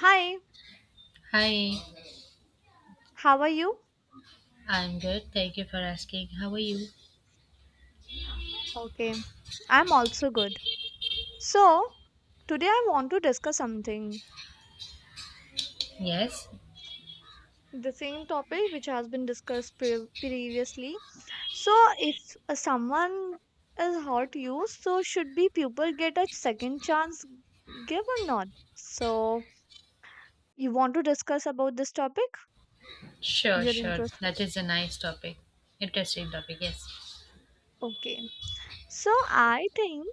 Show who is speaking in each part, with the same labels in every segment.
Speaker 1: Hi,
Speaker 2: Hi,
Speaker 1: how are you?
Speaker 2: I'm good. Thank you for asking. How are you?
Speaker 1: Okay, I'm also good. So, today I want to discuss something,
Speaker 2: Yes?
Speaker 1: the same topic which has been discussed previously. So, if someone is hurt you, so should be people get a second chance give or not? So, you want to discuss about this topic?
Speaker 2: Sure,
Speaker 1: You're
Speaker 2: sure.
Speaker 1: interested?
Speaker 2: That is a nice topic. Interesting topic, yes.
Speaker 1: Okay. So, I think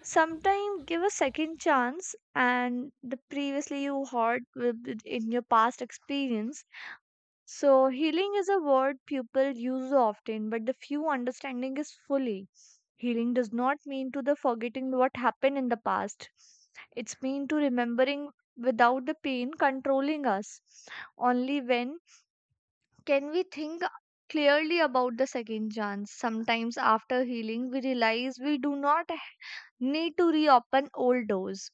Speaker 1: sometime give a second chance and the previously you hurt in your past experience. So healing is a word people use often, but the few understanding is fully. Healing does not mean to the forgetting what happened in the past. It's mean to remembering without the pain controlling us. Only when can we think clearly about the second chance. Sometimes after healing we realize we do not need to reopen old doors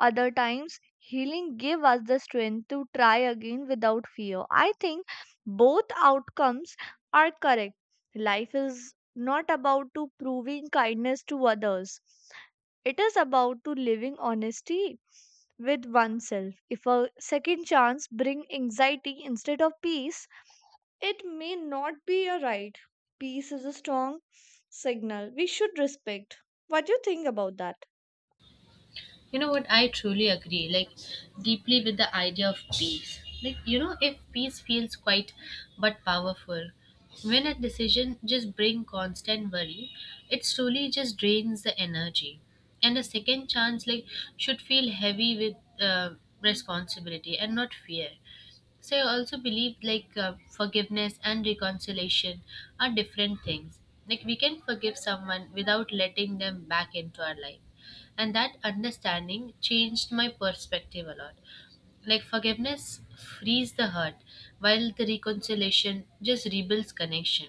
Speaker 1: other times, healing give us the strength to try again without fear. I think both outcomes are correct. Life is not about to proving kindness to others. It is about to living honesty with oneself. If a second chance bring anxiety instead of peace, it may not be a right. Peace is a strong signal we should respect. What do you think about that?
Speaker 2: You know what? I truly agree, like, deeply with the idea of peace. Like, you know, if peace feels quiet but powerful, when a decision just bring constant worry, it truly just drains the energy. And a second chance, like, should feel heavy with responsibility and not fear. So I also believe like forgiveness and reconciliation are different things. Like we can forgive someone without letting them back into our life. And that understanding changed my perspective a lot, like forgiveness frees the hurt while the reconciliation just rebuilds connection,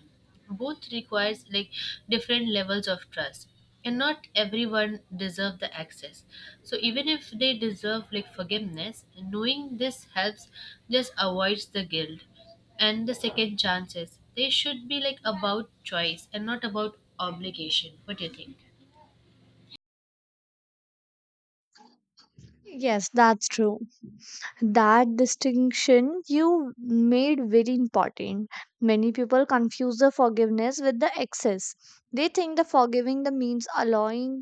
Speaker 2: both requires like different levels of trust, and not everyone deserve the access, so even if they deserve, like, forgiveness knowing this helps just avoids the guilt, and the second chances they should be like about choice and not about obligation. What do you think?
Speaker 1: Yes, that's true. That distinction you made very important. Many people confuse the forgiveness with the excess. They think the forgiving the means allowing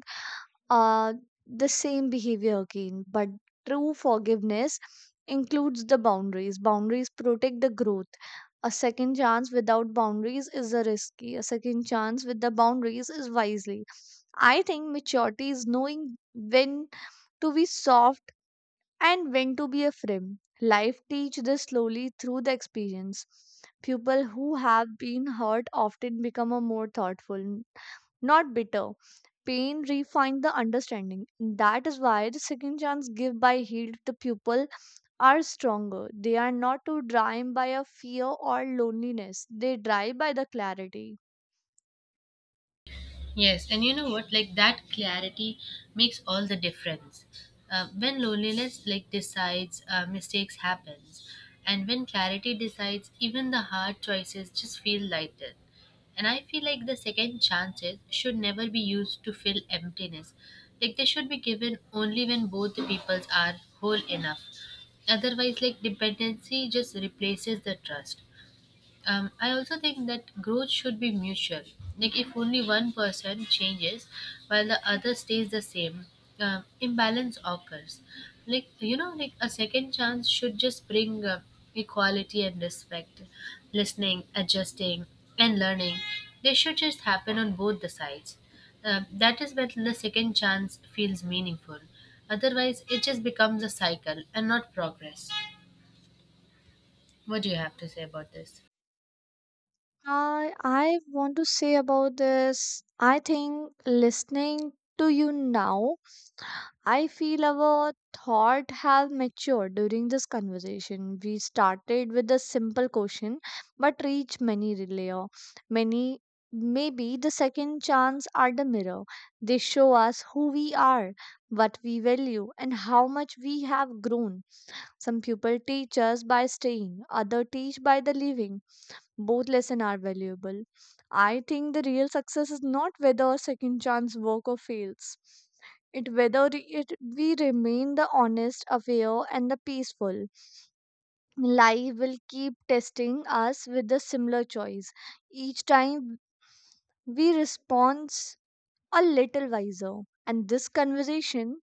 Speaker 1: uh the same behavior again, but true forgiveness includes the boundaries. Boundaries protect the growth. A second chance without boundaries is a risky. A second chance with the boundaries is wisely. I think maturity is knowing when to be soft and when to be afraid. Life teaches this slowly through the experience. People who have been hurt often become a more thoughtful, not bitter. Pain refines the understanding. That is why the second chance given by healed to people are stronger. They are not too dry by a fear or loneliness. They dry by the clarity.
Speaker 2: Yes, and you know what? Like that clarity makes all the difference. When loneliness like decides, mistakes happens, and when clarity decides, even the hard choices just feel lighter. And I feel like the second chances should never be used to fill emptiness. Like they should be given only when both the peoples are whole enough. Otherwise, like dependency just replaces the trust. I also think that growth should be mutual. Like if only one person changes while the other stays the same, imbalance occurs. Like you know, like a second chance should just bring equality and respect, listening, adjusting, and learning. They should just happen on both the sides. That is when the second chance feels meaningful. Otherwise, it just becomes a cycle and not progress. What do you have to say about this?
Speaker 1: I want to say about this. I think listening to you now I feel our thought have matured during this conversation. We started with a simple question but reached many layer. Many maybe the second chance are the mirror. They show us who we are, what we value and how much we have grown. Some people teach us by staying, other teach by the leaving. Both lessons are valuable. I think the real success is not whether second chance work or fails. It whether it we remain the honest, aware, and the peaceful. Life will keep testing us with the similar choice. Each time we respond a little wiser. And this conversation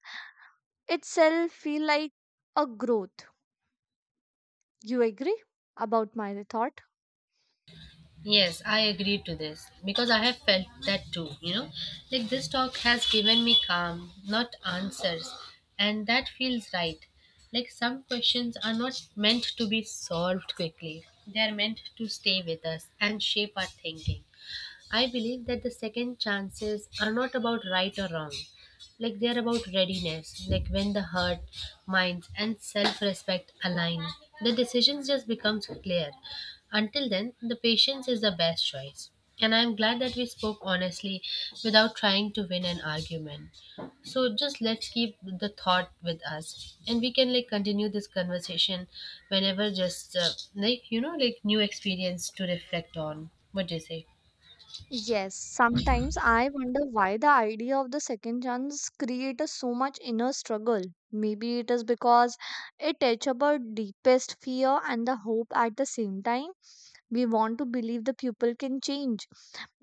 Speaker 1: itself feel like a growth. You agree about my thought?
Speaker 2: Yes, I agree to this because I have felt that too, you know. Like this talk has given me calm, not answers, and that feels right. Like some questions are not meant to be solved quickly, they are meant to stay with us and shape our thinking. I believe that the second chances are not about right or wrong. Like they are about readiness. Like when the heart, mind, and self respect align, the decisions just becomes clear. Until then, the patience is the best choice. And I'm glad that we spoke honestly without trying to win an argument. So just let's keep the thought with us, and we can like continue this conversation whenever just like you know like new experience to reflect on. What do you say?
Speaker 1: Yes, sometimes I wonder why the idea of the second chance creates so much inner struggle. Maybe it is because it touches our deepest fear and the hope at the same time. We want to believe the people can change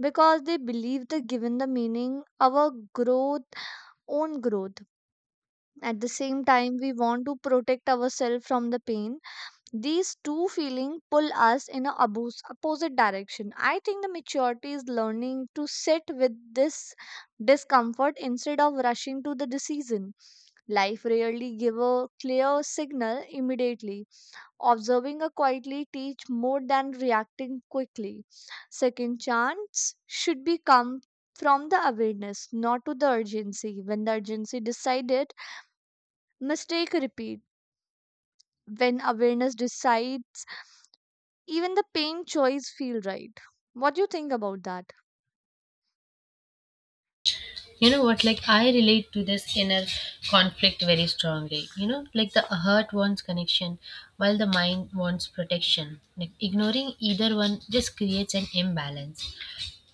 Speaker 1: because they believe the given the meaning our growth own growth. At the same time, we want to protect ourselves from the pain these two feelings pull us in a opposite direction. I think the maturity is learning to sit with this discomfort instead of rushing to the decision. Life rarely give a clear signal immediately. Observing a quietly teach more than reacting quickly. Second chance should be come from the awareness, not to the urgency. When the urgency decided, mistake repeat. When awareness decides even the paint choice feel right. What do you think about that?
Speaker 2: You know what? Like I relate to this inner conflict very strongly, you know, like the heart wants connection while the mind wants protection, like ignoring either one just creates an imbalance.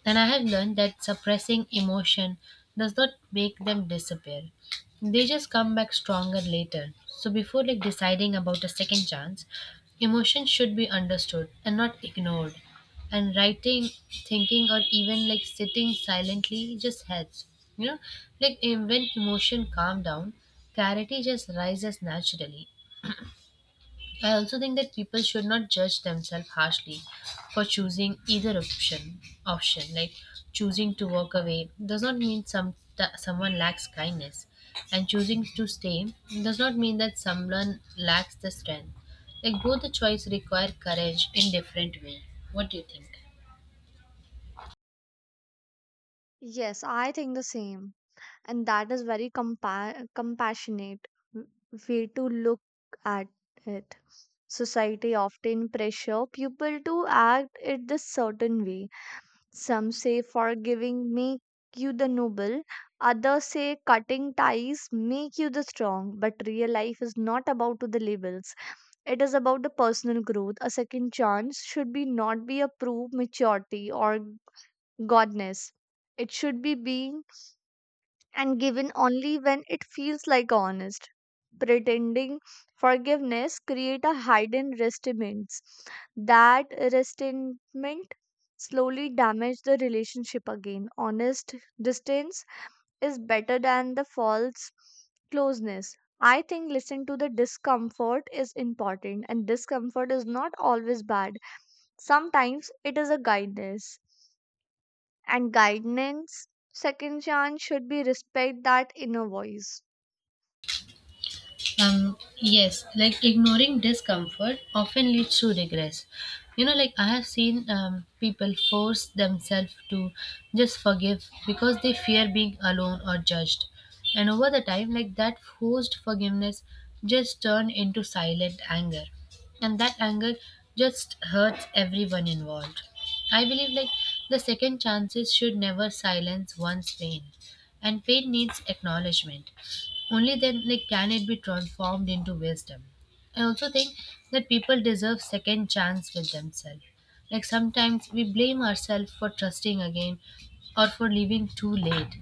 Speaker 2: And I have learned that suppressing emotion does not make them disappear. They just come back stronger later. So before like deciding about a second chance, emotion should be understood and not ignored. And writing, thinking or even like sitting silently just helps. You know, like when emotion calm down, clarity just rises naturally. I also think that people should not judge themselves harshly for choosing either option. Option like choosing to walk away does not mean some that someone lacks kindness, and choosing to stay does not mean that someone lacks the strength. Like both the choice require courage in different way. What do you think?
Speaker 1: Yes, I think the same. And that is very compassionate w- way to look at it. Society often pressure people to act it this certain way. Some say forgiving make you the noble, others say cutting ties make you the strong. But real life is not about to the labels. It is about the personal growth. A second chance should be not be a proof maturity or godness. It should be being and given only when it feels like honest. Pretending forgiveness create a hidden resentment. That resentment slowly damage the relationship again. Honest distance is better than the false closeness. I think listening to the discomfort is important, and discomfort is not always bad. Sometimes it is a guidance, and guidance, second chance, should be respect that inner voice.
Speaker 2: Yes, like ignoring discomfort often leads to regress. You know, like I have seen people force themselves to just forgive because they fear being alone or judged. And over the time, like that forced forgiveness just turned into silent anger. And that anger just hurts everyone involved. I believe like the second chances should never silence one's pain. And pain needs acknowledgement. Only then like, can it be transformed into wisdom. I also think that people deserve second chance with themselves. Like sometimes we blame ourselves for trusting again or for leaving too late.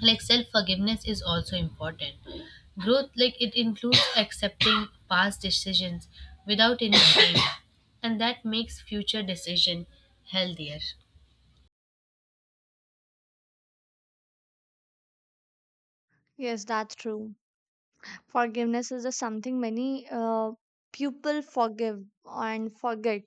Speaker 2: Like self forgiveness is also important. Growth like it includes accepting past decisions without any shame, and that makes future decision healthier.
Speaker 1: Yes, that's true. Forgiveness is a something many people forgive and forget.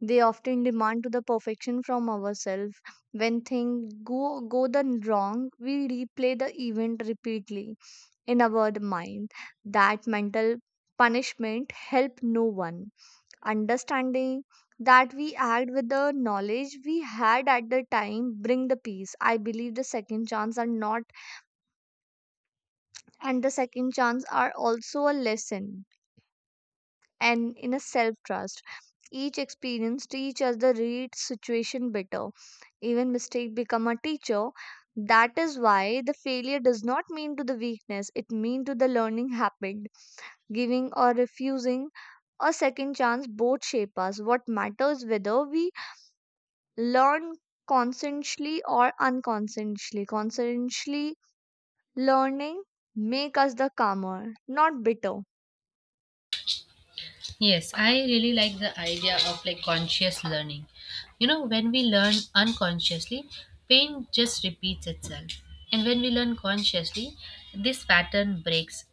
Speaker 1: They often demand to the perfection from ourselves. When things go the wrong, we replay the event repeatedly in our mind. That mental punishment help no one. Understanding that we act with the knowledge we had at the time bring the peace. I believe the second chance are not and the second chance are also a lesson and in a self trust. Each experience teach us the read situation better. Even mistake become a teacher. That is why the failure does not mean to the weakness, it mean to the learning happened. Giving or refusing a second chance both shape us. What matters whether we learn consciously or unconsciously. Consciously learning make us the calmer, not bitter.
Speaker 2: Yes, I really like the idea of like conscious learning. You know, when we learn unconsciously, pain just repeats itself. And when we learn consciously, this pattern breaks.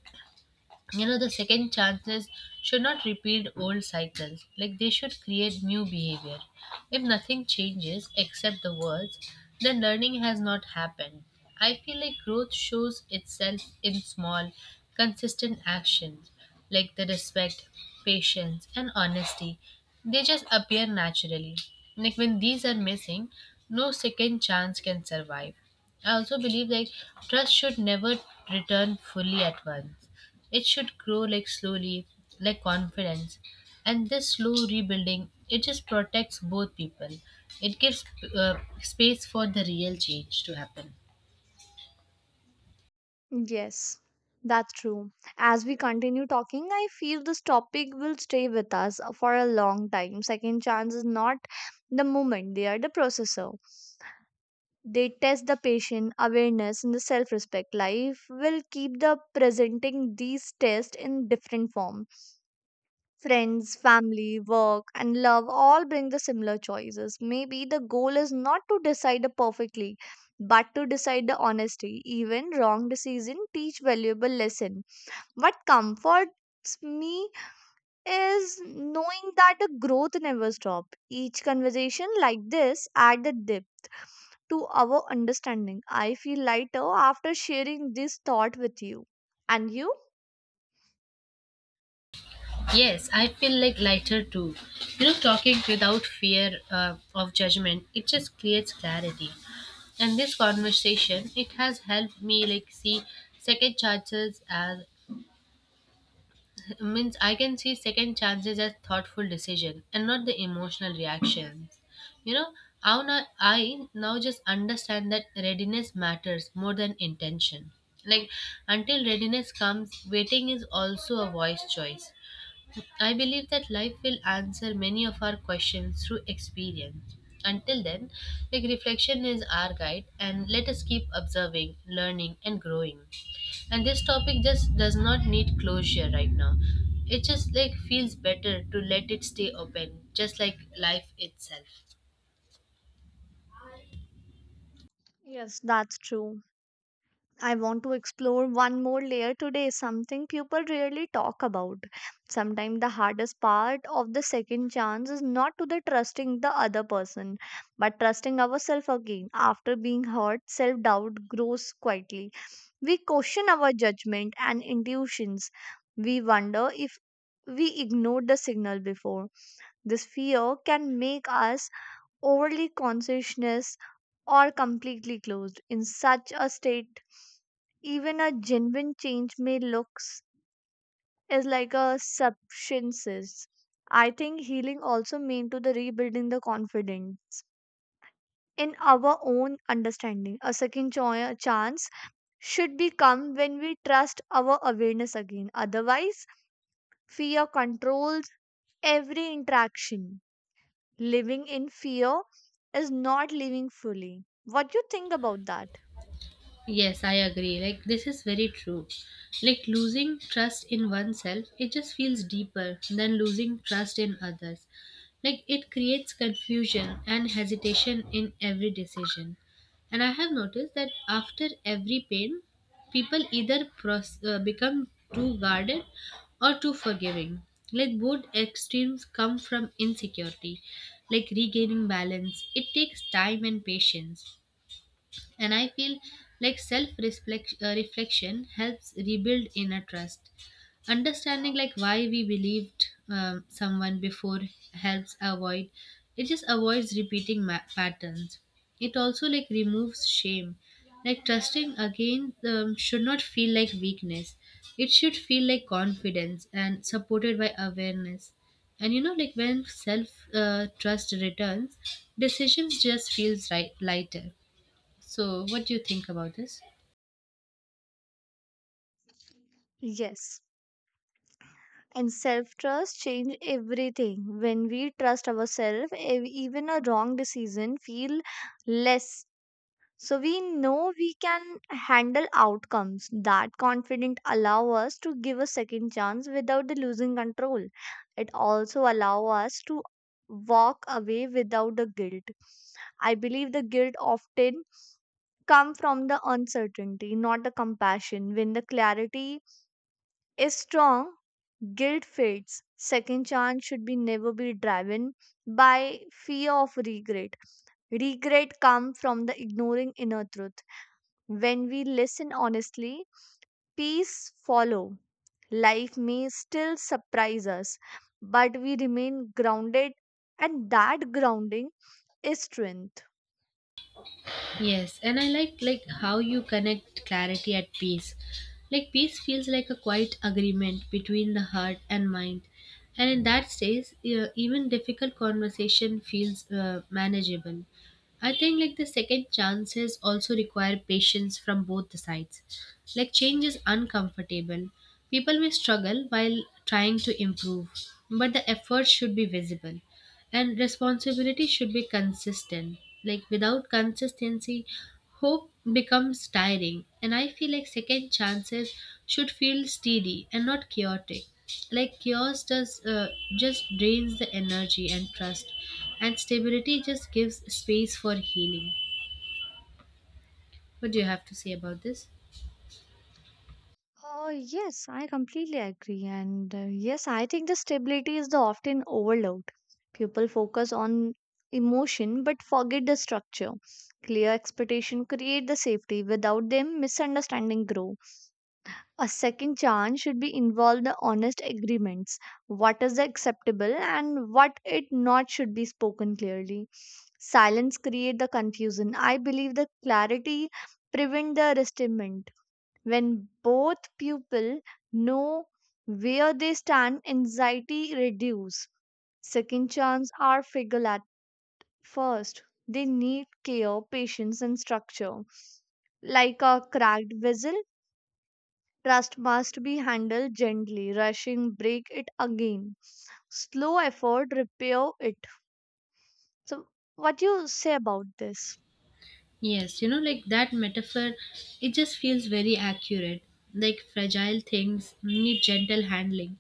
Speaker 2: You know the second chances should not repeat old cycles, like they should create new behavior. If nothing changes except the words, then learning has not happened. I feel like growth shows itself in small consistent actions, like the respect, patience and honesty, they just appear naturally. Like when these are missing, no second chance can survive. I also believe like trust should never return fully at once. It should grow like slowly, like confidence. And this slow rebuilding it just protects both people. It gives space for the real change to happen.
Speaker 1: Yes, that's true. As we continue talking, I feel this topic will stay with us for a long time. Second chance is not the moment, they are the processor. They test the patient awareness and the self respect. Life will keep the presenting these tests in different form. Friends, family, work, and love all bring the similar choices. Maybe the goal is not to decide perfectly, but to decide the honesty. Even wrong decision teach valuable lesson. What comforts me is knowing that a growth never stops. Each conversation like this add a dip to our understanding. I feel lighter after sharing this thought with you. And you?
Speaker 2: Yes, I feel like lighter too. You know, talking without fear of judgment it just creates clarity. And this conversation it has helped me like see second chances as means I can see second chances as thoughtful decision and not the emotional reactions. You know, how now just understand that readiness matters more than intention. Like until readiness comes, waiting is also a wise choice. I believe that life will answer many of our questions through experience. Until then, like reflection is our guide, and let us keep observing, learning and growing. And this topic just does not need closure right now. It just like feels better to let it stay open, just like life itself.
Speaker 1: Yes, that's true. I want to explore one more layer today, something people rarely talk about. Sometimes the hardest part of the second chance is not to the trusting the other person, but trusting ourselves again. After being hurt, self doubt grows quietly. We question our judgment and intuitions. We wonder if we ignored the signal before. This fear can make us overly consciousness or completely closed. In such a state, even a genuine change may looks is like a substances. I think healing also mean to the rebuilding the confidence in our own understanding. A second chance should be come when we trust our awareness again. Otherwise, fear controls every interaction. Living in fear is not living fully. What do you think about that?
Speaker 2: Yes, I agree. Like, this is very true. Like, losing trust in oneself, it just feels deeper than losing trust in others. Like, it creates confusion and hesitation in every decision. And I have noticed that after every pain, people either become too guarded or too forgiving. Like, both extremes come from insecurity. Like, regaining balance, it takes time and patience. And I feel like self reflection helps rebuild inner trust. Understanding like why we believed someone before helps avoid it just avoids repeating patterns. It also like removes shame. Like trusting again should not feel like weakness. It should feel like confidence and supported by awareness. And you know like when self trust returns, decisions just feels right, lighter. So, what do you think about this?
Speaker 1: Yes. And self trust change everything. When we trust ourselves, even a wrong decision feel less. So we know we can handle outcomes. That confident allow us to give a second chance without the losing control. It also allow us to walk away without the guilt. I believe the guilt often come from the uncertainty, not the compassion. When the clarity is strong, guilt fades. Second chance should be never be driven by fear of regret. Regret comes from the ignoring inner truth. When we listen honestly, peace follow. Life may still surprise us, but we remain grounded, and that grounding is strength.
Speaker 2: Yes, and I like how you connect clarity at peace. Like peace feels like a quiet agreement between the heart and mind, and in that stage, even difficult conversation feels manageable. I think like the second chances also require patience from both the sides. Like change is uncomfortable. People may struggle while trying to improve, but the effort should be visible. And responsibility should be consistent. Like without consistency, hope becomes tiring. And I feel like second chances should feel steady and not chaotic. Like chaos does just drains the energy and trust, and stability just gives space for healing. What do you have to say about this?
Speaker 1: Yes, I completely agree. And yes, I think the stability is the often overlooked. People focus on emotion but forget the structure. Clear expectation create the safety. Without them, misunderstanding grow. A second chance should be involved the honest agreements. What is acceptable and what it not should be spoken clearly. Silence create the confusion. I believe the clarity prevent the resentment when both pupil know where they stand, anxiety reduce. Second chance are figured at first. They need care, patience, and structure. Like a cracked vessel, trust must be handled gently. Rushing break it again. Slow effort repair it. So, what you say about this?
Speaker 2: Yes, you know, like that metaphor, it just feels very accurate. Like fragile things need gentle handling.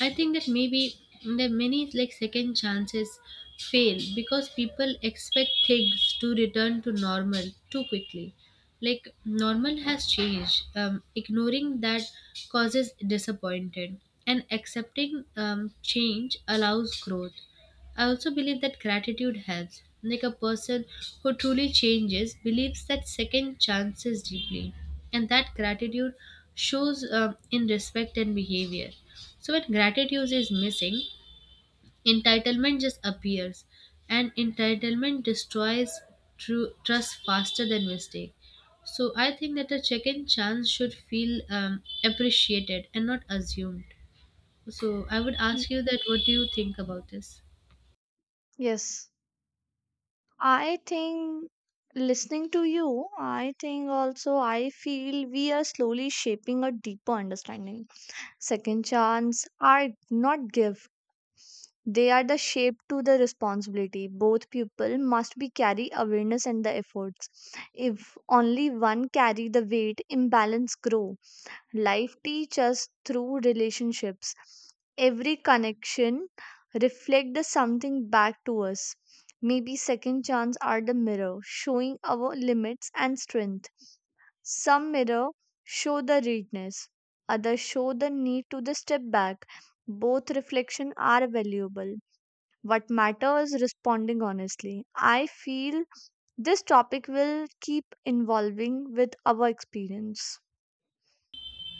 Speaker 2: I think that maybe that many like second chances fail because people expect things to return to normal too quickly. Like normal has changed. Ignoring that causes disappointment, and accepting change allows growth. I also believe that gratitude helps. Like a person who truly changes believes that second chances deeply, and that gratitude shows in respect and behavior. So, when gratitude is missing, entitlement just appears, and entitlement destroys true trust faster than mistake. So, I think that a second chance should feel appreciated and not assumed. So, I would
Speaker 1: Y-
Speaker 2: ask you that what do you think about this?
Speaker 1: Yes. I think listening to you, I think also I feel we are slowly shaping a deeper understanding. Second chance are not gift. They are the shape to the responsibility. Both people must be carry awareness and the efforts. If only one carry the weight, imbalance grow. Life teaches us through relationships. Every connection reflects the something back to us. Maybe second chance are the mirror, showing our limits and strength. Some mirror show the readiness, others show the need to the step back. Both reflection are valuable. What matters is responding honestly. I feel this topic will keep evolving with our experience.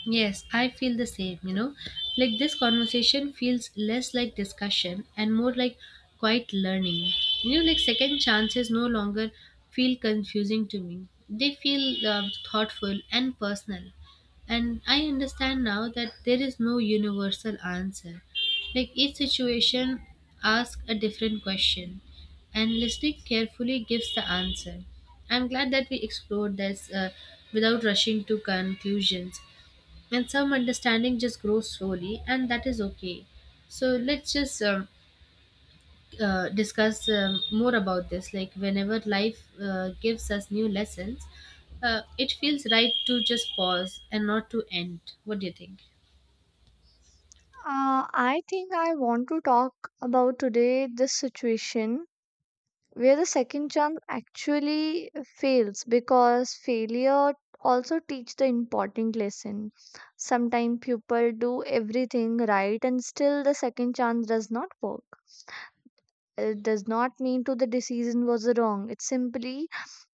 Speaker 2: Yes, I feel the same, you know. Like this conversation feels less like discussion and more like quiet learning. You know, like second chances no longer feel confusing to me. They feel thoughtful and personal. And I understand now that there is no universal answer. Like each situation asks a different question, and listening carefully gives the answer. I'm glad that we explored this without rushing to conclusions. And some understanding just grows slowly, and that is okay. So let's just discuss more about this like whenever life gives us new lessons. It feels right to just pause and not to end. What do you think?
Speaker 1: I think I want to talk about today this situation where the second chance actually fails because failure also teach the important lesson. Sometimes people do everything right and still the second chance does not work. It does not mean to the decision was wrong. It simply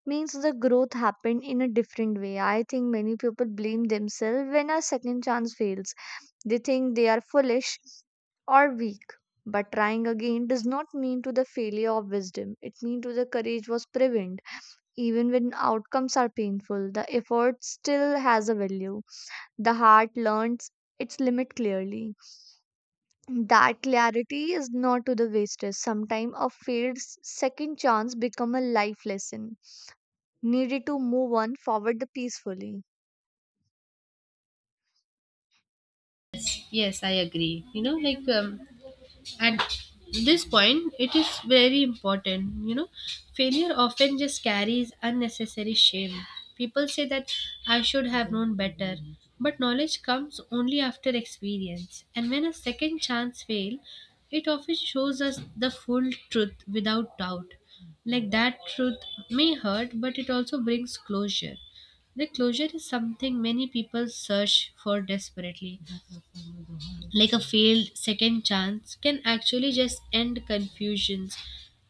Speaker 1: means the growth happened in a different way. I think many people blame themselves when a second chance fails. They think they are foolish or weak. But trying again does not mean to the failure of wisdom. It means to the courage was prevented. Even when outcomes are painful, the effort still has a value. The heart learns its limit clearly. That clarity is not to the wastage. Sometimes a failed second chance become a life lesson needed to move on forward peacefully.
Speaker 2: Yes, I agree. You know, like at this point it is very important. You know, failure often just carries unnecessary shame. People say that I should have known better, but knowledge comes only after experience. And when a second chance fail, it often shows us the full truth without doubt. Like that truth may hurt, but it also brings closure. The closure is something many people search for desperately. Like a failed second chance can actually just end confusions.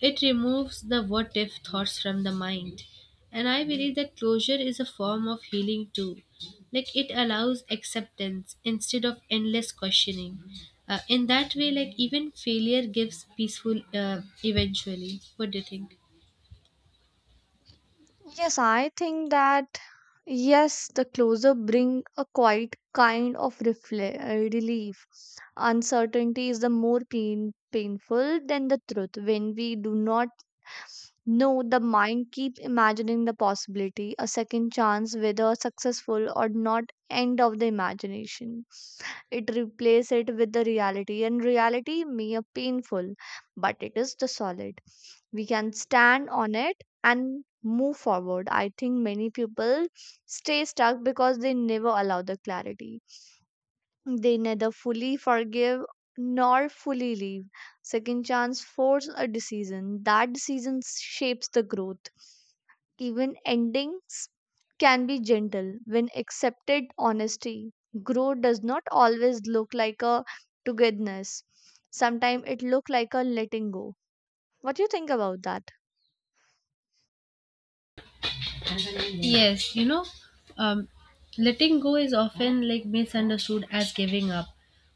Speaker 2: It removes the what if thoughts from the mind. And I believe that closure is a form of healing too. Like it allows acceptance instead of endless questioning. In that way, like even failure gives peaceful eventually. What do you think?
Speaker 1: Yes, I think that yes, the closure bring a quite kind of relief. Uncertainty is the more pain painful than the truth. When we do not know, the mind keep imagining the possibility, a second chance, whether successful or not, end of the imagination. It replaces it with the reality, and reality may be painful, but it is the solid, we can stand on it and move forward. I think many people stay stuck because they never allow the clarity. They neither fully forgive nor fully leave. Second chance force a decision. That decision shapes the growth. Even endings can be gentle when accepted honesty. Growth does not always look like a togetherness. Sometimes it look like a letting go. What do you think about that?
Speaker 2: Yes, you know, um, letting go is often like misunderstood as giving up,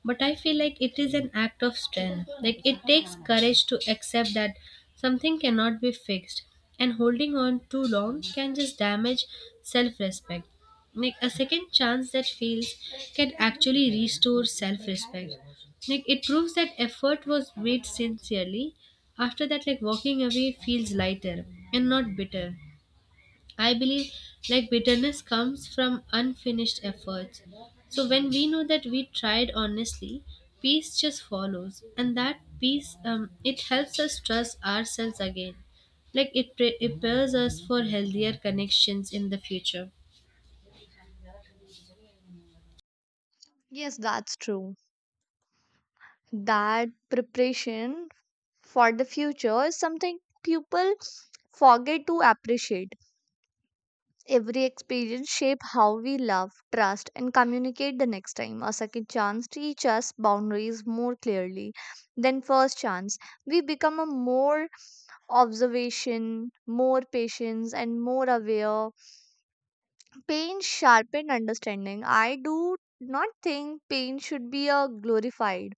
Speaker 2: but I feel like it is an act of strength. Like it takes courage to accept that something cannot be fixed, and holding on too long can just damage self-respect. Like a second chance that fails can actually restore self-respect. Like it proves that effort was made sincerely. After that, like walking away feels lighter and not bitter. I believe like bitterness comes from unfinished efforts. So when we know that we tried honestly, peace just follows, and that peace it helps us trust ourselves again. Like it it prepares us for healthier connections in the future.
Speaker 1: Yes, that's true. That preparation for the future is something people forget to appreciate. Every experience shape how we love, trust, and communicate the next time. A second chance teach us boundaries more clearly than first chance. We become a more observation, more patience, and more aware. Pain sharpen understanding. I do not think pain should be a glorified,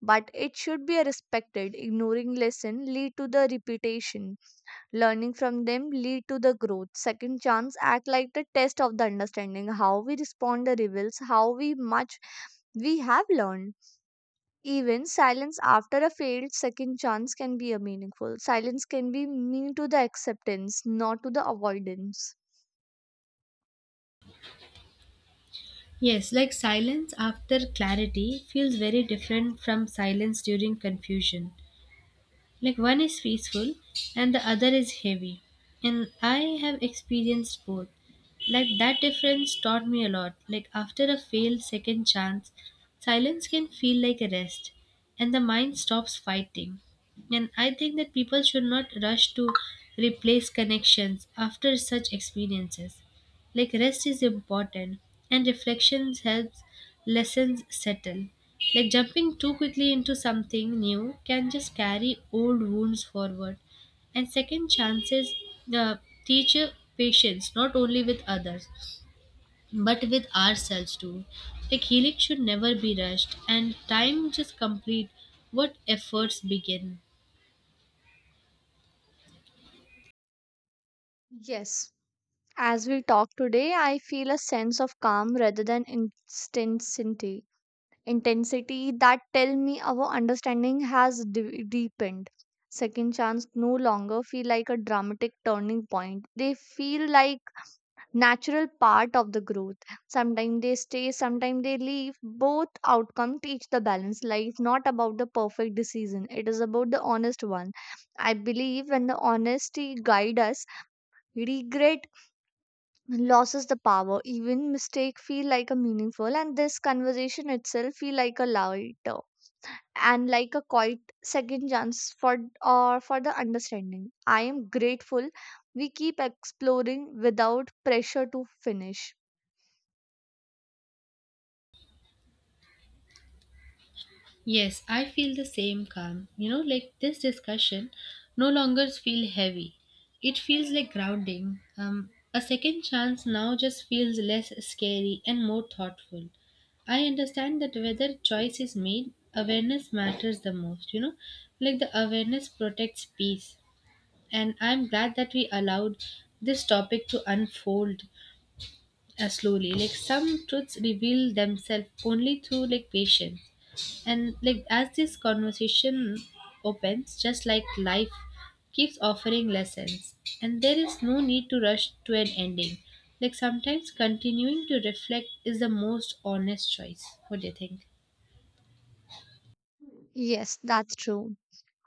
Speaker 1: but it should be a respected. Ignoring lesson lead to the repetition. Learning from them lead to the growth. Second chance act like the test of the understanding. How we respond the reveals how we much we have learned. Even silence after a failed second chance can be a meaningful. Silence can be mean to the acceptance, not to the avoidance.
Speaker 2: Yes, like silence after clarity feels very different from silence during confusion. Like one is peaceful and the other is heavy. And I have experienced both. Like that difference taught me a lot. Like after a failed second chance, silence can feel like a rest and the mind stops fighting. And I think that people should not rush to replace connections after such experiences. Like rest is important and reflections helps lessons settle. Like jumping too quickly into something new can just carry old wounds forward. And second chances uh, teach patience not only with others but with ourselves too. Like healing should never be rushed and time just complete what efforts begin.
Speaker 1: Yes. As we talk today, I feel a sense of calm rather than intensity. Intensity that tell me our understanding has deepened. Second chance no longer feel like a dramatic turning point. They feel like natural part of the growth. Sometimes they stay, sometimes they leave. Both outcome teach the balance. Life not about the perfect decision. It is about the honest one. I believe when the honesty guide us, regret loses the power. Even mistake feel like a meaningful, and this conversation itself feel like a lighter and like a quiet second chance for or for the understanding. I am grateful we keep exploring without pressure to finish.
Speaker 2: Yes, I feel the same calm. You know, like this discussion no longer feels heavy. It feels like grounding. A second chance now just feels less scary and more thoughtful. I understand that whether choice is made, awareness matters the most, you know, like the awareness protects peace. And I'm glad that we allowed this topic to unfold slowly. Like some truths reveal themselves only through like patience. And like as this conversation opens, just like life keeps offering lessons, and there is no need to rush to an ending. Like sometimes continuing to reflect is the most honest choice. What do you think?
Speaker 1: Yes, that's true.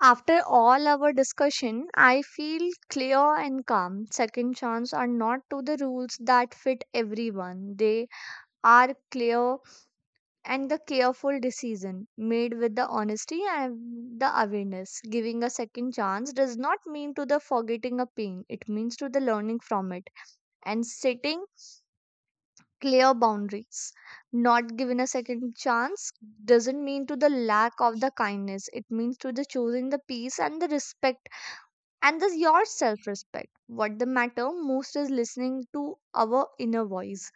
Speaker 1: After all our discussion, I feel clear and calm. Second chance are not to the rules that fit everyone. They are clear and the careful decision made with the honesty and the awareness. Giving a second chance does not mean to the forgetting a pain. It means to the learning from it and setting clear boundaries. Not given a second chance doesn't mean to the lack of the kindness. It means to the choosing the peace and the respect and the your self respect. What the matter most is listening to our inner voice.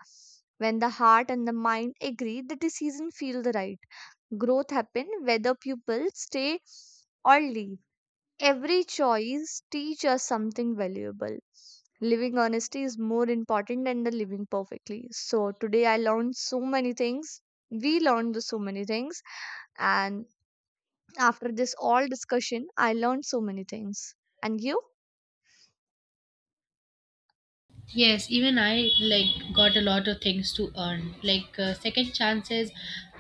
Speaker 1: When the heart and the mind agree, the decision feel the right. Growth happen whether pupils stay or leave. Every choice teach us something valuable. Living honesty is more important than the living perfectly. So today I learned so many things. We learned the so many things. And after this all discussion, I learned so many things. And you?
Speaker 2: Yes, even I like got a lot of things to earn. Like second chances,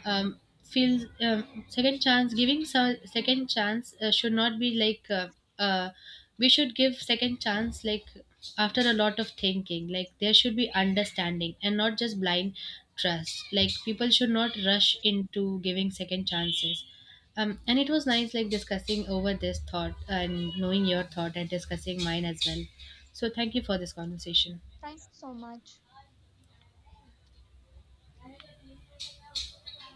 Speaker 2: feels second chance giving so, second chance should not be like uh, we should give second chance like after a lot of thinking. Like there should be understanding and not just blind trust. Like people should not rush into giving second chances. And it was nice like discussing over this thought and knowing your thought and discussing mine as well. So thank you for this conversation.
Speaker 1: Thank you so much.